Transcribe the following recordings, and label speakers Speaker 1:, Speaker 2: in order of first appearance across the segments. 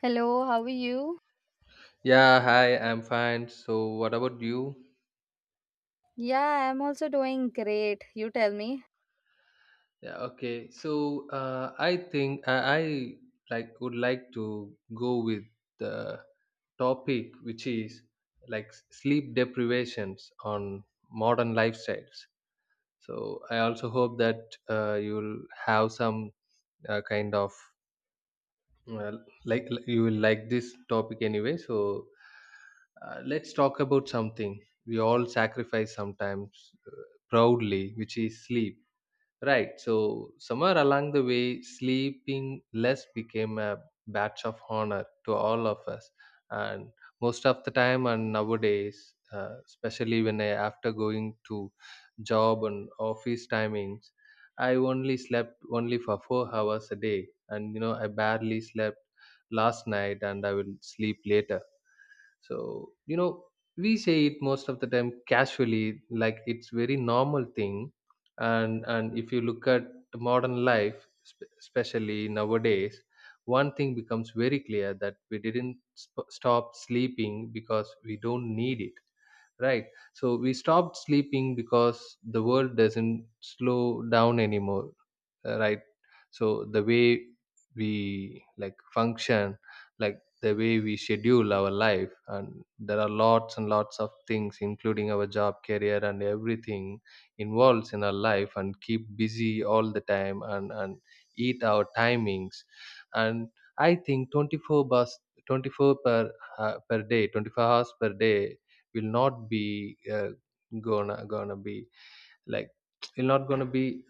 Speaker 1: Hello, how are you?
Speaker 2: Yeah, hi, I'm fine. So, what about you?
Speaker 1: Yeah, I'm also doing great. You tell me.
Speaker 2: Yeah, okay. I think I would like to go with the topic, which is sleep deprivations on modern lifestyles. So, I also hope that you'll have some kind of you will like this topic anyway. So let's talk about something we all sacrifice sometimes proudly, which is sleep. Right. So somewhere along the way, sleeping less became a badge of honor to all of us, and most of the time, and nowadays, especially when I after going to job and office timings, I only slept only for 4 hours a day, and you know I barely slept last night, and I will sleep later. So, we say it most of the time casually, like it's very normal thing. And if you look at the modern life, especially nowadays, one thing becomes very clear that we didn't stop sleeping because we don't need it, right? So we stopped sleeping because the world doesn't slow down anymore. Right. So the way we like function, like, the way we schedule our life, and there are lots and lots of things including our job, career and everything involves in our life and keep busy all the time, and eat our timings. And I think 24 per per day, 24 hours per day will not be, gonna gonna be like will not gonna be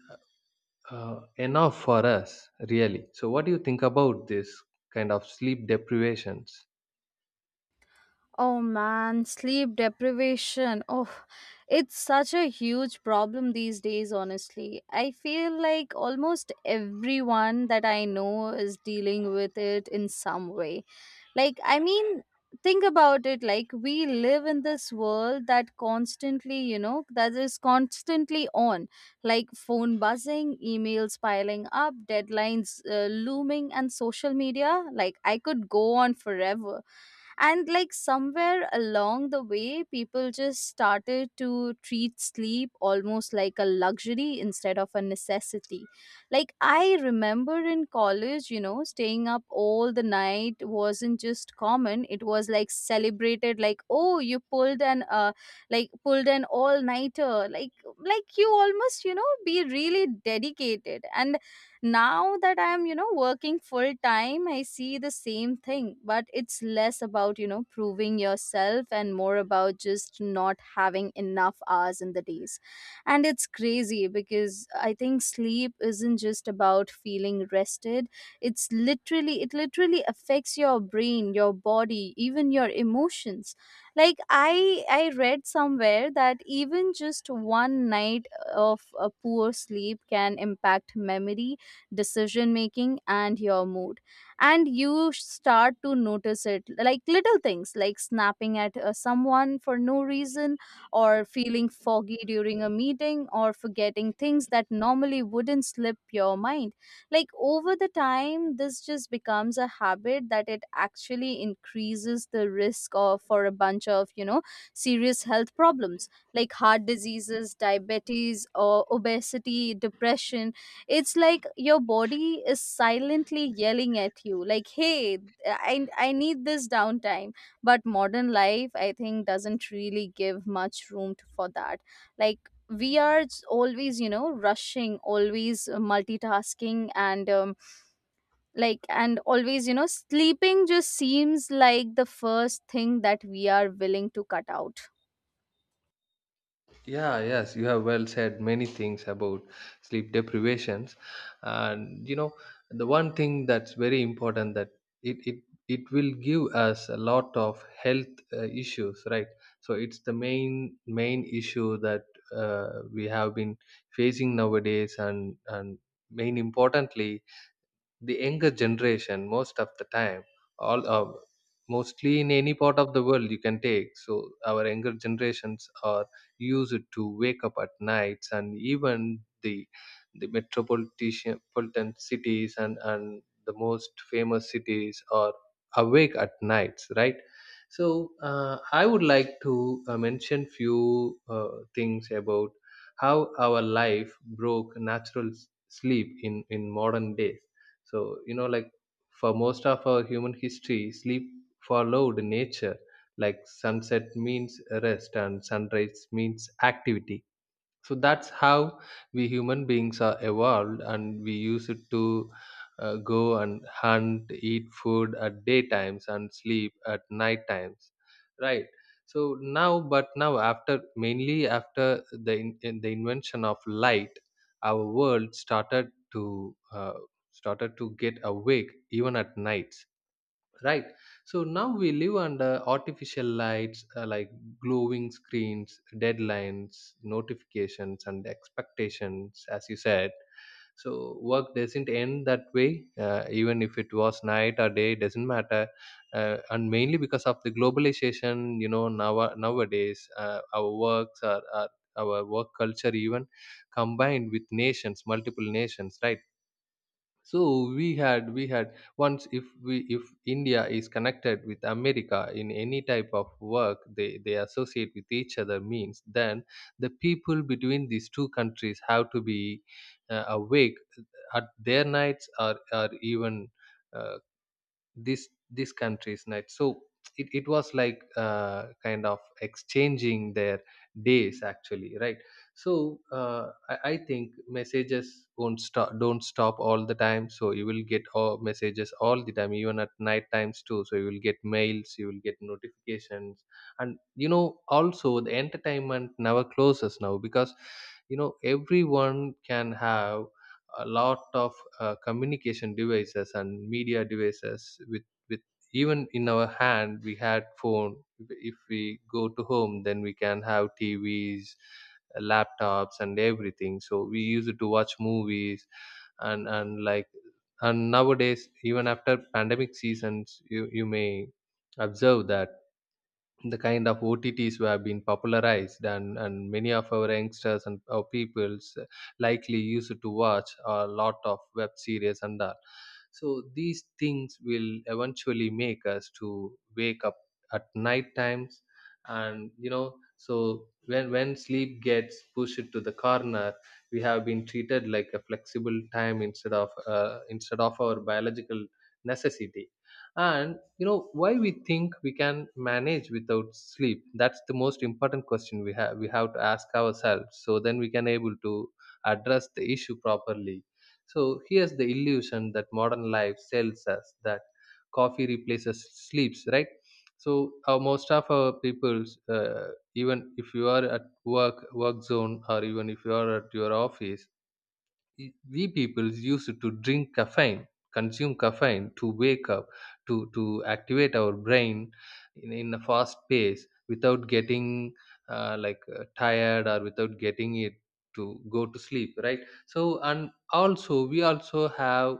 Speaker 2: enough for us, really. So what do you think about this kind of sleep deprivations?
Speaker 1: Oh man, sleep deprivation. Oh, it's such a huge problem these days, honestly. I feel like almost everyone that I know is dealing with it in some way. Like, I mean, think about it, like we live in this world that constantly you know that is constantly on, like phone buzzing, emails piling up, deadlines looming, and social media. Like, I could go on forever. And like somewhere along the way, people just started to treat sleep almost like a luxury instead of a necessity. Like, I remember in college, you know, staying up all the night wasn't just common, it was like celebrated. Like, oh, you pulled an all nighter. Like you almost, you know, be really dedicated. And now that I am, you know, working full time, I see the same thing, but it's less about, you know, proving yourself and more about just not having enough hours in the days. And it's crazy because I think sleep isn't just about feeling rested. It literally affects your brain, your body, even your emotions. Like I read somewhere that even just one night of a poor sleep can impact memory, decision making, and your mood. And you start to notice it, like little things like snapping at someone for no reason, or feeling foggy during a meeting, or forgetting things that normally wouldn't slip your mind. Like, over the time, this just becomes a habit that it actually increases the risk of, for a bunch of, you know, serious health problems like heart diseases, diabetes or obesity, depression. It's like your body is silently yelling at you like, hey, I need this downtime. But modern life, I think, doesn't really give much room to, for that. Like, we are always, you know, rushing, always multitasking, and like and always, you know, sleeping just seems like the first thing that we are willing to cut out.
Speaker 2: Yeah, yes, you have well said many things about sleep deprivations. And you know, the one thing that's very important, that it it, it will give us a lot of health issues, right? So it's the main issue that we have been facing nowadays, and main importantly, the younger generation, most of the time, all mostly in any part of the world you can take, so our younger generations are used to wake up at nights, and even the metropolitan politan cities and the most famous cities are awake at nights, right? So uh, I would like to mention few things about how our life broke natural sleep in modern days. So, you know, like, for most of our human history, sleep followed nature, like sunset means rest and sunrise means activity. So that's how we human beings are evolved, and we use it to go and hunt, eat food at daytimes and sleep at night times, right? So now but now, after mainly after the in the invention of light, our world started to get awake even at nights, right? So now we live under artificial lights, like glowing screens, deadlines, notifications and expectations, as you said. So work doesn't end that way, even if it was night or day, doesn't matter. And mainly because of the globalization, you know, now nowadays, our works are our work culture even combined with nations, multiple nations, right? So we had once, if we, if India is connected with America in any type of work, they associate with each other means, then the people between these two countries have to be awake at their nights, or even uh, this country's night. So it was like kind of exchanging their days, actually, right? So I think messages won't stop don't stop all the time, so you will get all messages all the time, even at night times too. So you will get mails, you will get notifications. And you know, also the entertainment never closes now, because you know, everyone can have a lot of communication devices and media devices with even in our hand. We had phone, if we go to home, then we can have TVs, laptops and everything, so we use it to watch movies. And and like and nowadays, even after pandemic seasons, you may observe that the kind of OTTs were being popularized, and many of our youngsters and our peoples likely used to watch a lot of web series and all. So these things will eventually make us to wake up at night times. And you know, so when sleep gets pushed to the corner, we have been treated like a flexible time, instead of our biological necessity. And you know, why we think we can manage without sleep, that's the most important question we have to ask ourselves, so then we can able to address the issue properly. So here's the illusion that modern life sells us, that coffee replaces sleeps, right? So most of our people's, even if you are at work zone, or even if you are at your office, we people used to drink caffeine, consume caffeine to wake up, to activate our brain in a fast pace without getting tired, or without getting it to go to sleep, right? So, and also we also have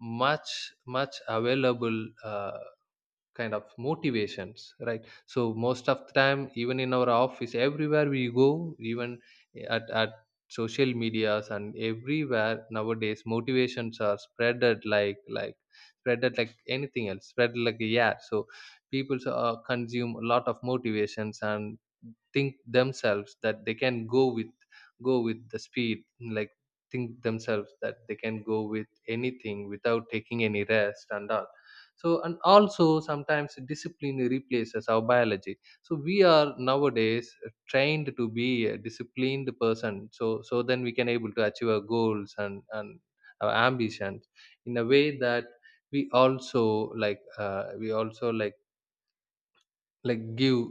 Speaker 2: much much available uh, kind of motivations, right? So most of the time, even in our office, everywhere we go, even at social medias, and everywhere nowadays, motivations are spreaded like spreaded like anything else, spread like a, yeah. So people consume a lot of motivations and think themselves that they can go with the speed, like, think themselves that they can go with anything without taking any rest and all. So, and also sometimes discipline replaces our biology. So we are nowadays trained to be a disciplined person. So then we can able to achieve our goals, and our ambitions, in a way that we also like give,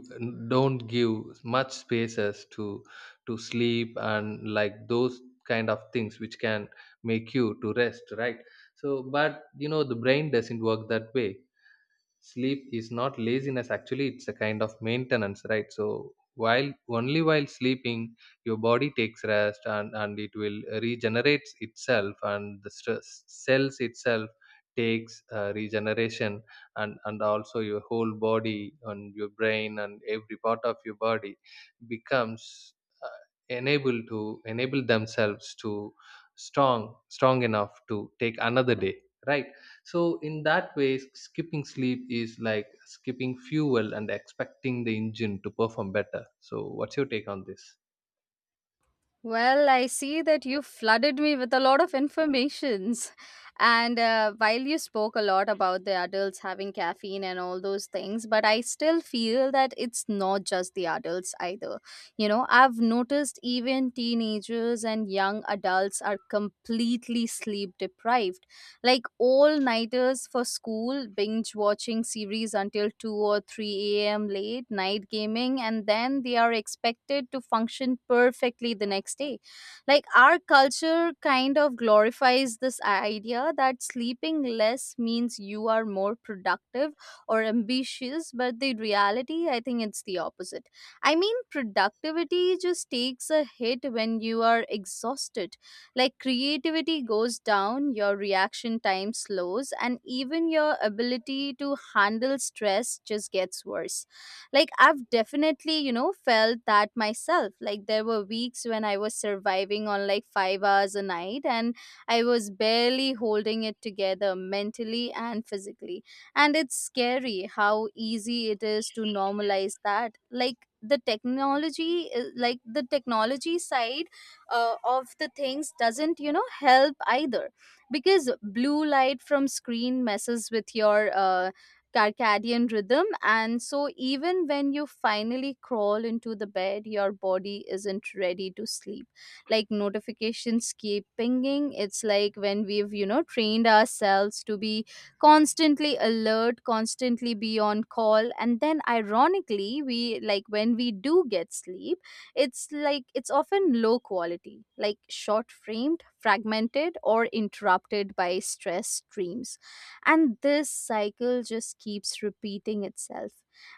Speaker 2: don't give much spaces to sleep, and like those kind of things which can make you to rest, right? So, but you know, the brain doesn't work that way. Sleep is not laziness, actually, it's a kind of maintenance, right? So while only while sleeping, your body takes rest, and it will regenerates itself, and the stress cells itself takes regeneration. And also your whole body and your brain and every part of your body becomes uh, enable themselves to strong enough to take another day, right? So in that way, skipping sleep is like skipping fuel and expecting the engine to perform better. So what's your take on this?
Speaker 1: Well, I see that you flooded me with a lot of informations. And while you spoke a lot about the adults having caffeine and all those things, but I still feel that it's not just the adults either. You know, I've noticed even teenagers and young adults are completely sleep deprived, like all nighters for school, binge watching series until 2 or 3 a.m. late, night gaming, and then they are expected to function perfectly the next day. Like, our culture kind of glorifies this idea that sleeping less means you are more productive or ambitious, but the reality, I think, it's the opposite. I mean, productivity just takes a hit when you are exhausted. Like, creativity goes down, your reaction time slows, and even your ability to handle stress just gets worse. Like, I've definitely, you know, felt that myself. Like there were weeks when I was surviving on like 5 hours a night and I was barely holding it together mentally and physically. And it's scary how easy it is to normalize that. Like, the technology, like the technology side of the things doesn't, you know, help either, because blue light from screen messes with your circadian rhythm. And so even when you finally crawl into the bed, your body isn't ready to sleep. Like, notifications keep pinging. It's like when we've, you know, trained ourselves to be constantly alert, constantly be on call. And then ironically, we like, when we do get sleep, it's like it's often low quality, like short framed, fragmented, or interrupted by stress streams, and this cycle just keeps repeating itself.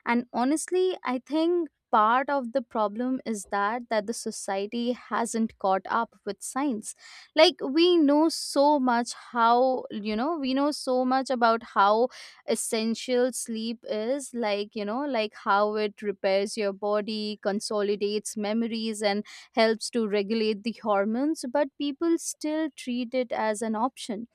Speaker 1: And honestly, I think part of the problem is that the society hasn't caught up with science. Like, we know so much how, you know, we know so much about how essential sleep is, like, you know, like how it repairs your body, consolidates memories, and helps to regulate the hormones, but people still treat it as an option.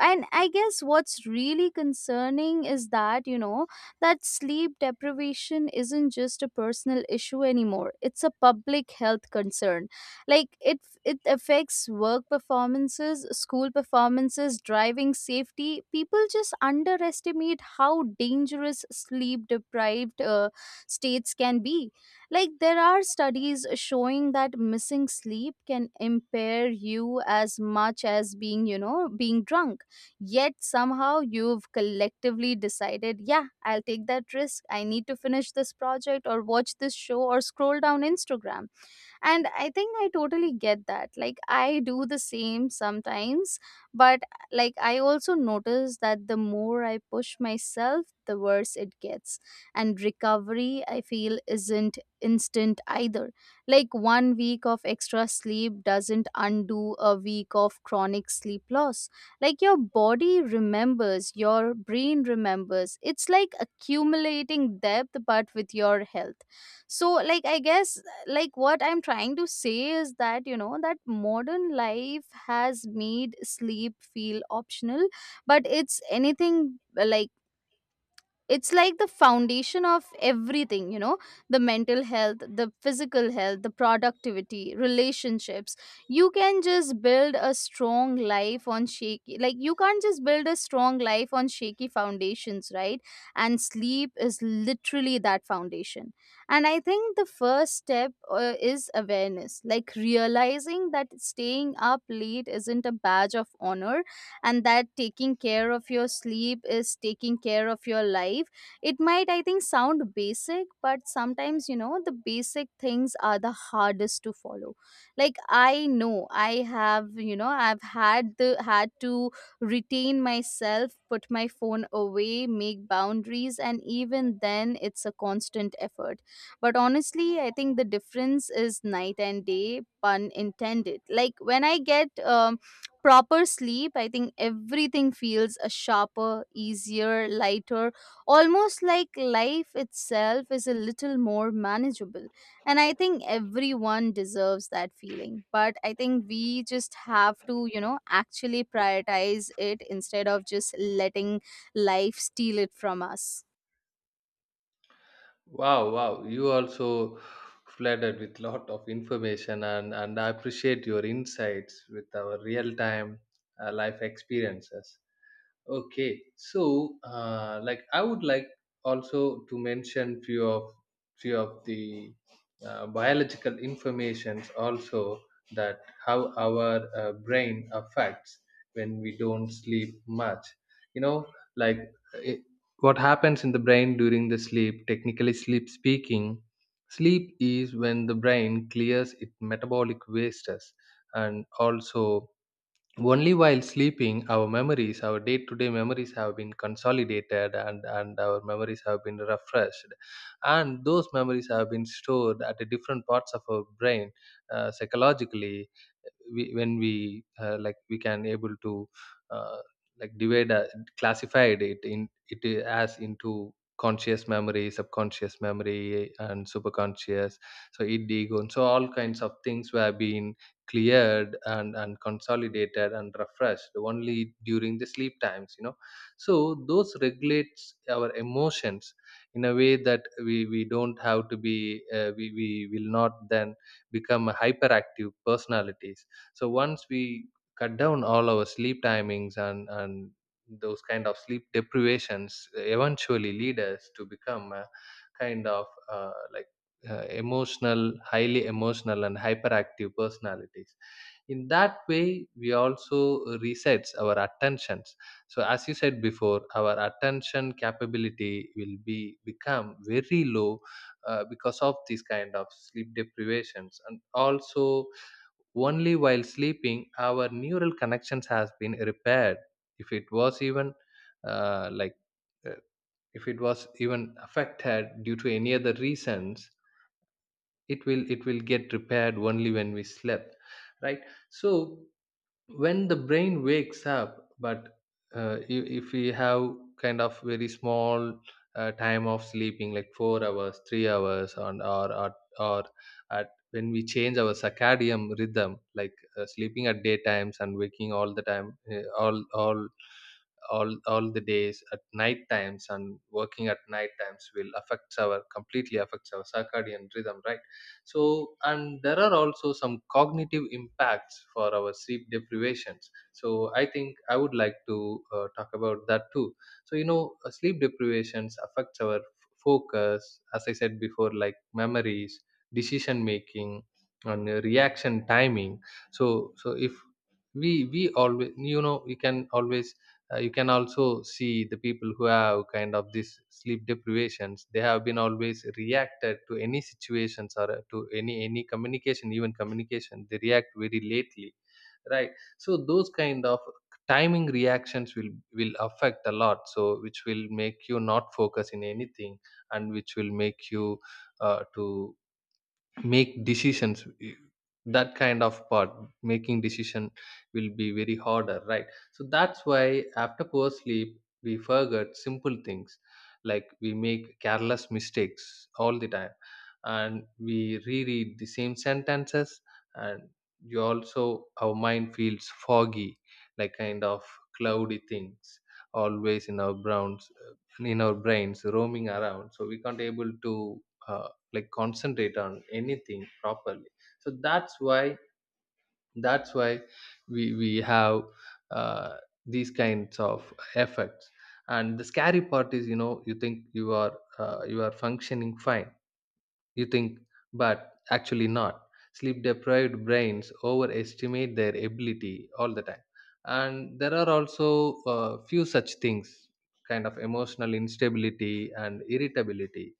Speaker 1: And I guess what's really concerning is that, you know, that sleep deprivation isn't just a personal issue anymore, it's a public health concern. Like, it affects work performances, school performances, driving safety. People just underestimate how dangerous sleep deprived states can be. Like, there are studies showing that missing sleep can impair you as much as being, you know, being drunk. Yet somehow you've collectively decided, yeah, I'll take that risk. I need to finish this project or watch this show or scroll down Instagram. And I think I totally get that, like I do the same sometimes. But like, I also notice that the more I push myself, the worse it gets. And recovery, I feel, isn't instant either. Like one week of extra sleep doesn't undo a week of chronic sleep loss. Like, your body remembers, your brain remembers, it's like accumulating depth but with your health. So like, I guess, like what I'm trying to say is that, you know, that modern life has made sleep feel optional, but it's anything like, it's like the foundation of everything, you know, the mental health, the physical health, the productivity, relationships. You can just build a strong life on shaky like you can't just build a strong life on shaky foundations, right? And sleep is literally that foundation. And I think the first step is awareness, like realizing that staying up late isn't a badge of honor, and that taking care of your sleep is taking care of your life. It might, I think, sound basic, but sometimes, you know, the basic things are the hardest to follow. Like, I know I have, you know, I've had the had to retain myself, put my phone away, make boundaries, and even then it's a constant effort. But honestly, I think the difference is night and day, pun intended. Like, when I get proper sleep, I think everything feels a sharper, easier, lighter, almost like life itself is a little more manageable. And I think everyone deserves that feeling. But I think we just have to, you know, actually prioritize it instead of just letting life steal it from us.
Speaker 2: Wow, you also flooded with lot of information, and I appreciate your insights with our real time life experiences. Okay, so I would like also to mention few of the biological informations also, that how our brain affects when we don't sleep much. You know, like it, what happens in the brain during the sleep. Technically, sleep speaking, sleep is when the brain clears its metabolic wastes, and also only while sleeping, our memories, our day-to-day memories have been consolidated, and our memories have been refreshed. And those memories have been stored at the different parts of our brain. Psychologically, when we we can able to uh, divide, classified it as into conscious memory, subconscious memory and superconscious, so id, ego, and so all kinds of things were being cleared and consolidated and refreshed only during the sleep times, you know. So those regulates our emotions in a way that we don't have to be, we will not then become a hyperactive personalities. So once we cut down all our sleep timings, and those kind of sleep deprivations eventually lead us to become a kind of emotional, highly emotional and hyperactive personalities. In that way, we also resets our attentions. So as you said before, our attention capability will be become very low, because of these kind of sleep deprivations. And also only while sleeping, our neural connections has been repaired. If it was even uh, like uh, if it was even affected due to any other reasons, it will get repaired only when we slept, right? So when the brain wakes up but if we have kind of very small time of sleeping like 4 hours 3 hours or at when we change our circadian rhythm like sleeping at daytimes and waking all the days at night times and working at night times will affects our completely affects our circadian rhythm, right? So and there are also some cognitive impacts for our sleep deprivations. So I think I would like to talk about that too. So you know, sleep deprivations affects our focus, as I said before, like memories, decision making, and reaction timing. So if we always, you know, we can always you can also see the people who have kind of this sleep deprivations. They have been always reacted to any situations or to any communication, even communication, they react very lately, right? So those kind of timing reactions will affect a lot, so which will make you not focus in anything, and which will make you to make decisions, that kind of part, making decision, will be very harder, right? so that's why after poor sleep we forget simple things like we make careless mistakes all the time and we reread the same sentences and you also our mind feels foggy like kind of cloudy things always in our browns in our brains roaming around so we can't able to uh, like concentrate on anything properly so that's why we have uh, these kinds of effects. And the scary part is, you know, you think you are functioning fine, you think, but actually not. Sleep deprived brains overestimate their ability all the time. And there are also a few such things, kind of emotional instability and irritability.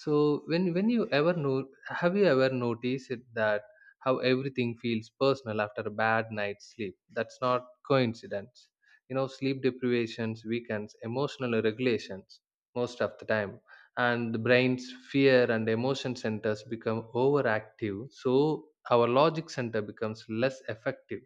Speaker 2: So when you ever know, have you ever noticed it that how everything feels personal after a bad night's sleep? That's not coincidence. You know, sleep deprivations weakens emotional regulations most of the time, and the brain's fear and emotion centers become overactive. So our logic center becomes less effective.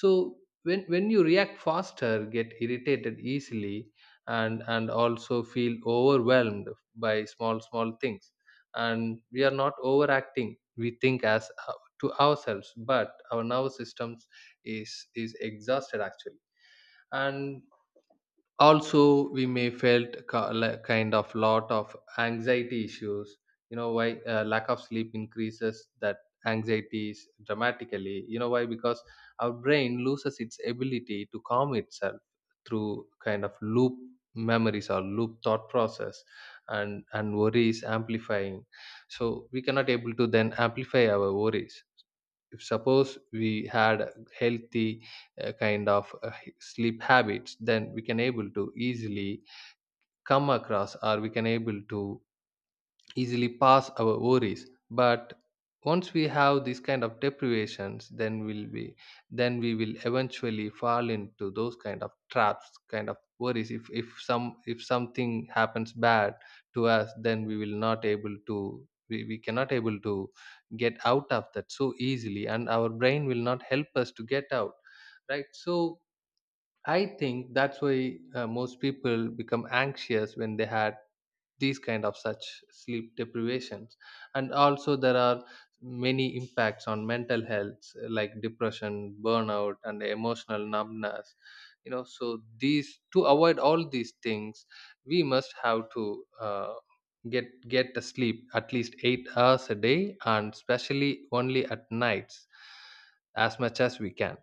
Speaker 2: So when you react faster, get irritated easily, and also feel overwhelmed by small things. And we are not overacting, we think, as to ourselves, but our nervous systems is exhausted actually. And also we may felt like kind of lot of anxiety issues. You know why? Lack of sleep increases that anxieties dramatically. You know why? Because our brain loses its ability to calm itself through kind of loop memories or loop thought process, and worries amplifying. So we cannot able to then amplify our worries. If suppose we had a healthy sleep habits, then we can able to easily come across, or we can able to easily pass our worries. But once we have these kind of deprivations, then we'll be, then we will eventually fall into those kind of traps, kind of worries. If some if something happens bad to us, then we will not able to, we cannot able to get out of that so easily, and our brain will not help us to get out, right? So I think that's why most people become anxious when they had these kind of such sleep deprivations. And also there are many impacts on mental health, like depression, burnout, and emotional numbness. You know, so these, to avoid all these things, we must have to get a sleep at least 8 hours a day, and especially only at nights, as much as we can.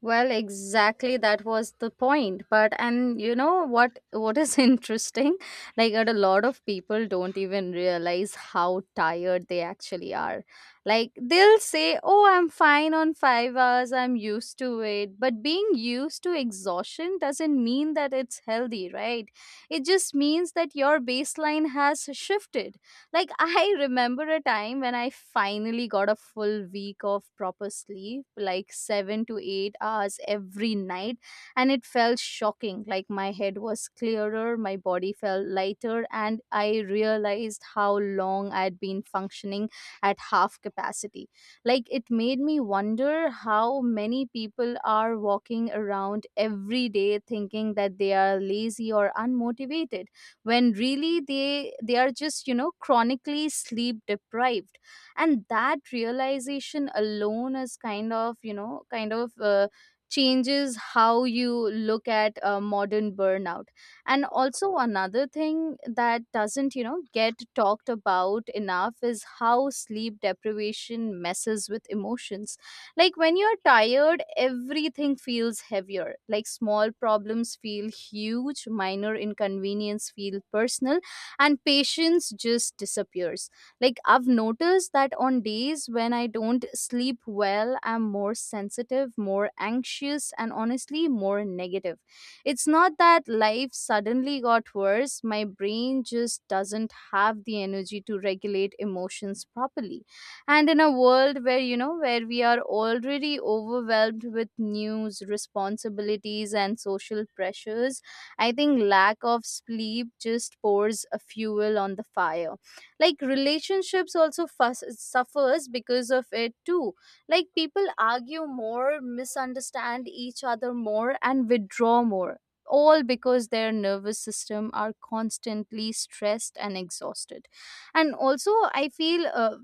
Speaker 1: Well, exactly, that was the point. But and you know what is interesting? Like, that a lot of people don't even realize how tired they actually are. Like they'll say, "Oh, I'm fine on 5 hours. I'm used to it." But being used to exhaustion doesn't mean that it's healthy, right? It just means that your baseline has shifted. Like, I remember a time when I finally got a full week of proper sleep, like 7 to 8 hours every night, and it felt shocking. Like, my head was clearer, my body felt lighter, and I realized how long I'd been functioning at half capacity. Like, it made me wonder how many people are walking around every day thinking that they are lazy or unmotivated, when really they are just, you know, chronically sleep deprived. And that realization alone is kind of, you know, kind of changes how you look at modern burnout. And also another thing that doesn't, you know, get talked about enough is how sleep deprivation messes with emotions. Like, when you're tired, everything feels heavier. Like, small problems feel huge, minor inconvenience feel personal, and patience just disappears. Like, I've noticed that on days when I don't sleep well, I'm more sensitive, more anxious, and honestly more negative. It's not that life suddenly got worse, my brain just doesn't have the energy to regulate emotions properly. And in a world where, you know, where we are already overwhelmed with news, responsibilities, and social pressures, I think lack of sleep just pours a fuel on the fire. Like, relationships also suffers because of it too. Like, people argue more, misunderstand each other more, and withdraw more, all because their nervous system are constantly stressed and exhausted. And also I feel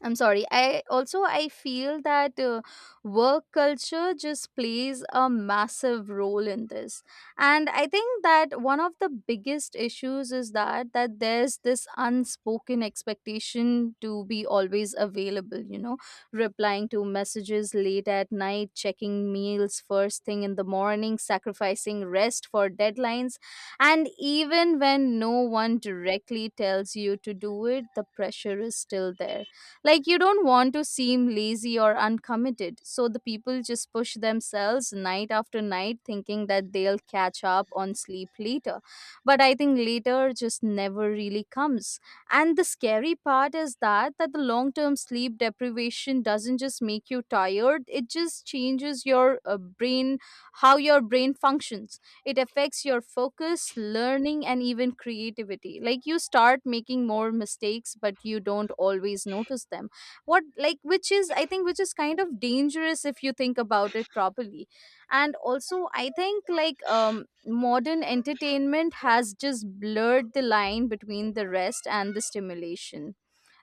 Speaker 1: I'm sorry. I feel that work culture just plays a massive role in this. And I think that one of the biggest issues is that there's this unspoken expectation to be always available, you know, replying to messages late at night, checking meals first thing in the morning, sacrificing rest for deadlines. And even when no one directly tells you to do it, the pressure is still there. Like, you don't want to seem lazy or uncommitted, so the people just push themselves night after night thinking that they'll catch up on sleep later. But I think later just never really comes. And the scary part is that the long-term sleep deprivation doesn't just make you tired, it just changes your brain, how your brain functions. It affects your focus, learning, and even creativity. Like, you start making more mistakes but you don't always notice them, what like, which is, I think, which is kind of dangerous if you think about it properly. And also, I think like modern entertainment has just blurred the line between the rest and the stimulation.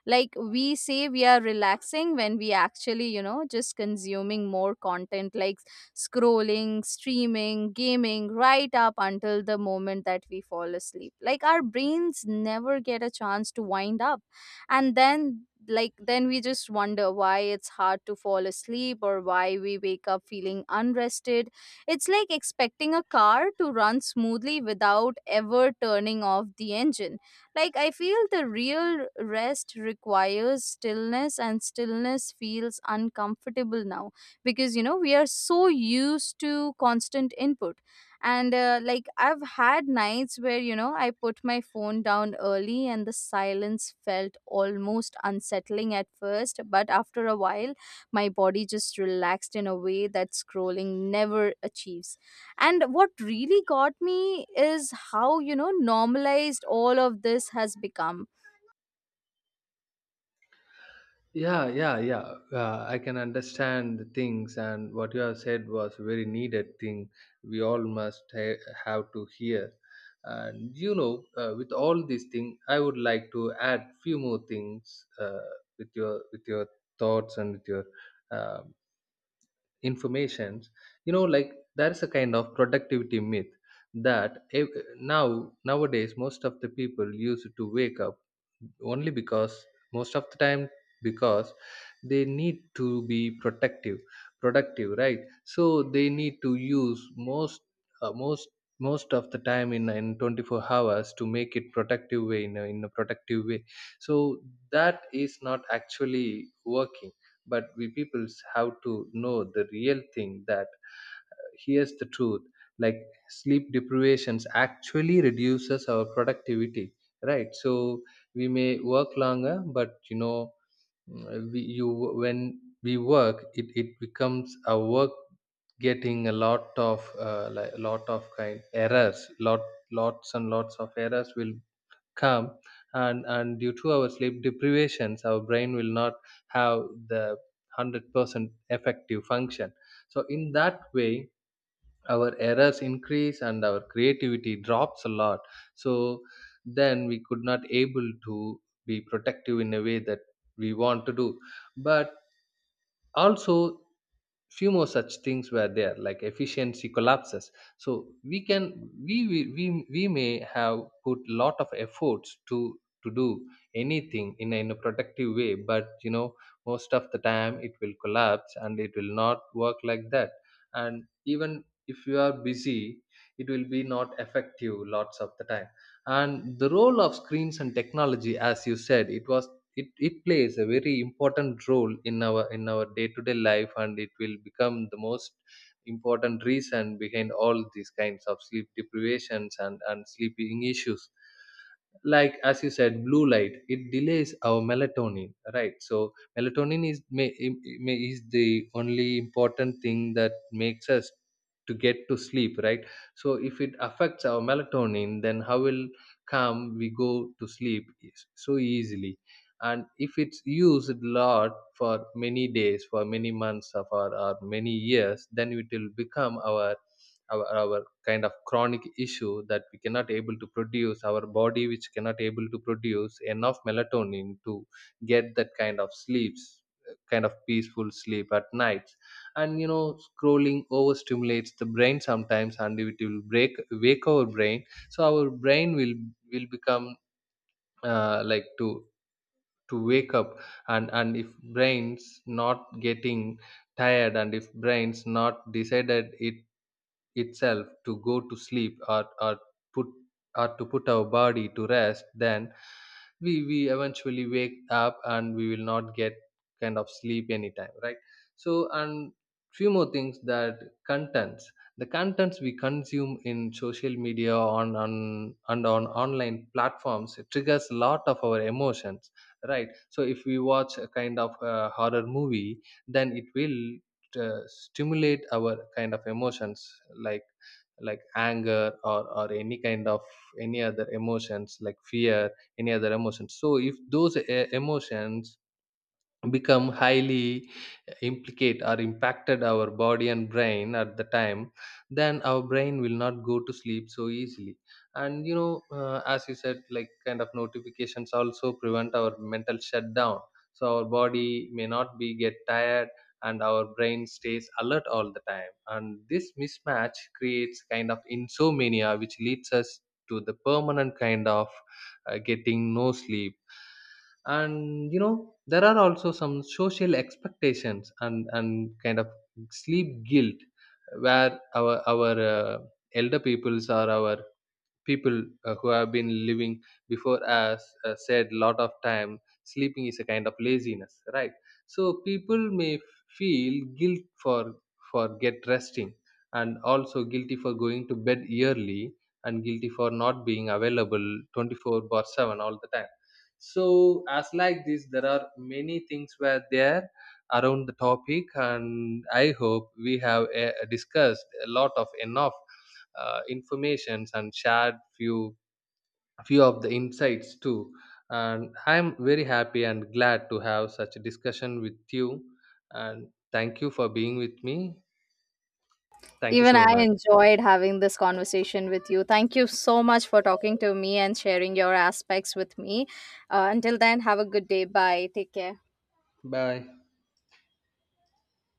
Speaker 1: Like, we say we are relaxing when we actually, you know, just consuming more content, like scrolling, streaming, gaming, right up until the moment that we fall asleep. Like, our brains never get a chance to wind up. And then, like, then we just wonder why it's hard to fall asleep or why we wake up feeling unrested. It's like expecting a car to run smoothly without ever turning off the engine. Like, I feel the real rest requires stillness, and stillness feels uncomfortable now because, you know, we are so used to constant input. And like, I've had nights where, you know, I put my phone down early and the silence felt almost unsettling at first, but after a while, my body just relaxed in a way that scrolling never achieves. And what really got me is how, you know, normalized all of this has become.
Speaker 2: Yeah, yeah, yeah. I can understand the things, and what you have said was very needed thing we all must have to hear. And you know, with all these things, I would like to add few more things, with your thoughts and with your um, informations. You know, like, there's a kind of productivity myth that now nowadays most of the people used to wake up only because most of the time, because they need to be protective productive, right? So they need to use most uh, most most of the time in 24 hours to make it productive way in a productive way. So that is not actually working, but we peoples have to know the real thing that here's the truth. Like, sleep deprivations actually reduces our productivity, right? So we may work longer, but you know, mm, we, you when we work, it becomes our work getting a lot of like, lot of kind errors, lots and lots of errors will calm. And due to our sleep deprivations our brain will not have the 100% effective function. So in that way our errors increase and our creativity drops a lot. So then we could not able to be protective in a way that we want to do. But also, few more such things were there, like efficiency collapses. So we can we may have put lot of efforts to do anything in a productive way. But you know, most of the time it will collapse and it will not work like that. And even if you are busy, it will be not effective lots of the time. And the role of screens and technology, as you said, it was it plays a very important role in our day-to-day life, and it will become the most important reason behind all these kinds of sleep deprivations and sleeping issues. Like, as you said, blue light, it delays our melatonin, right? So melatonin is may, im- may is the only important thing that makes us to get to sleep, right? So if it affects our melatonin, then how will come we go to sleep so easily? And if it's used a lot for many days, for many months of or, for or many years, then it will become our our kind of chronic issue that we cannot able to produce, our body which cannot able to produce enough melatonin to get that kind of sleeps, kind of peaceful sleep at nights. And you know, scrolling overstimulates the brain sometimes and it will break wake our brain, so our brain will become like to to wake up. And if brain's not getting tired, and if brain's not decided it itself to go to sleep, or put, or to put our body to rest, then we eventually wake up and we will not get kind of sleep anytime, right? So and few more things that contents, the contents we consume in social media, on online platforms, it triggers a lot of our emotions, right? So if we watch a kind of horror movie, then it will stimulate our kind of emotions, like anger, or any kind of any other emotions like fear, any other emotions. So if those emotions become highly implicate or impacted our body and brain at the time, then our brain will not go to sleep so easily. And you know, as you said, like, kind of notifications also prevent our mental shutdown. So our body may not be get tired, and our brain stays alert all the time, and this mismatch creates kind of insomnia which leads us to the permanent kind of getting no sleep. And you know, there are also some social expectations and kind of sleep guilt, where our elder peoples or our people who have been living before us said lot of time sleeping is a kind of laziness, right? So people may feel guilt for get resting, and also guilty for going to bed early, and guilty for not being available 24/7 all the time. So as like this, there are many things were there around the topic, and I hope we have discussed a lot of enough informations and shared few of the insights too. And I'm very happy and glad to have such a discussion with you, and thank you for being with me. Thank you
Speaker 1: Even
Speaker 2: so
Speaker 1: I
Speaker 2: much.
Speaker 1: enjoyed having this conversation with you. Thank you so much for talking to me and sharing your aspects with me. Until then, have a good day. Bye. Take care.
Speaker 2: Bye.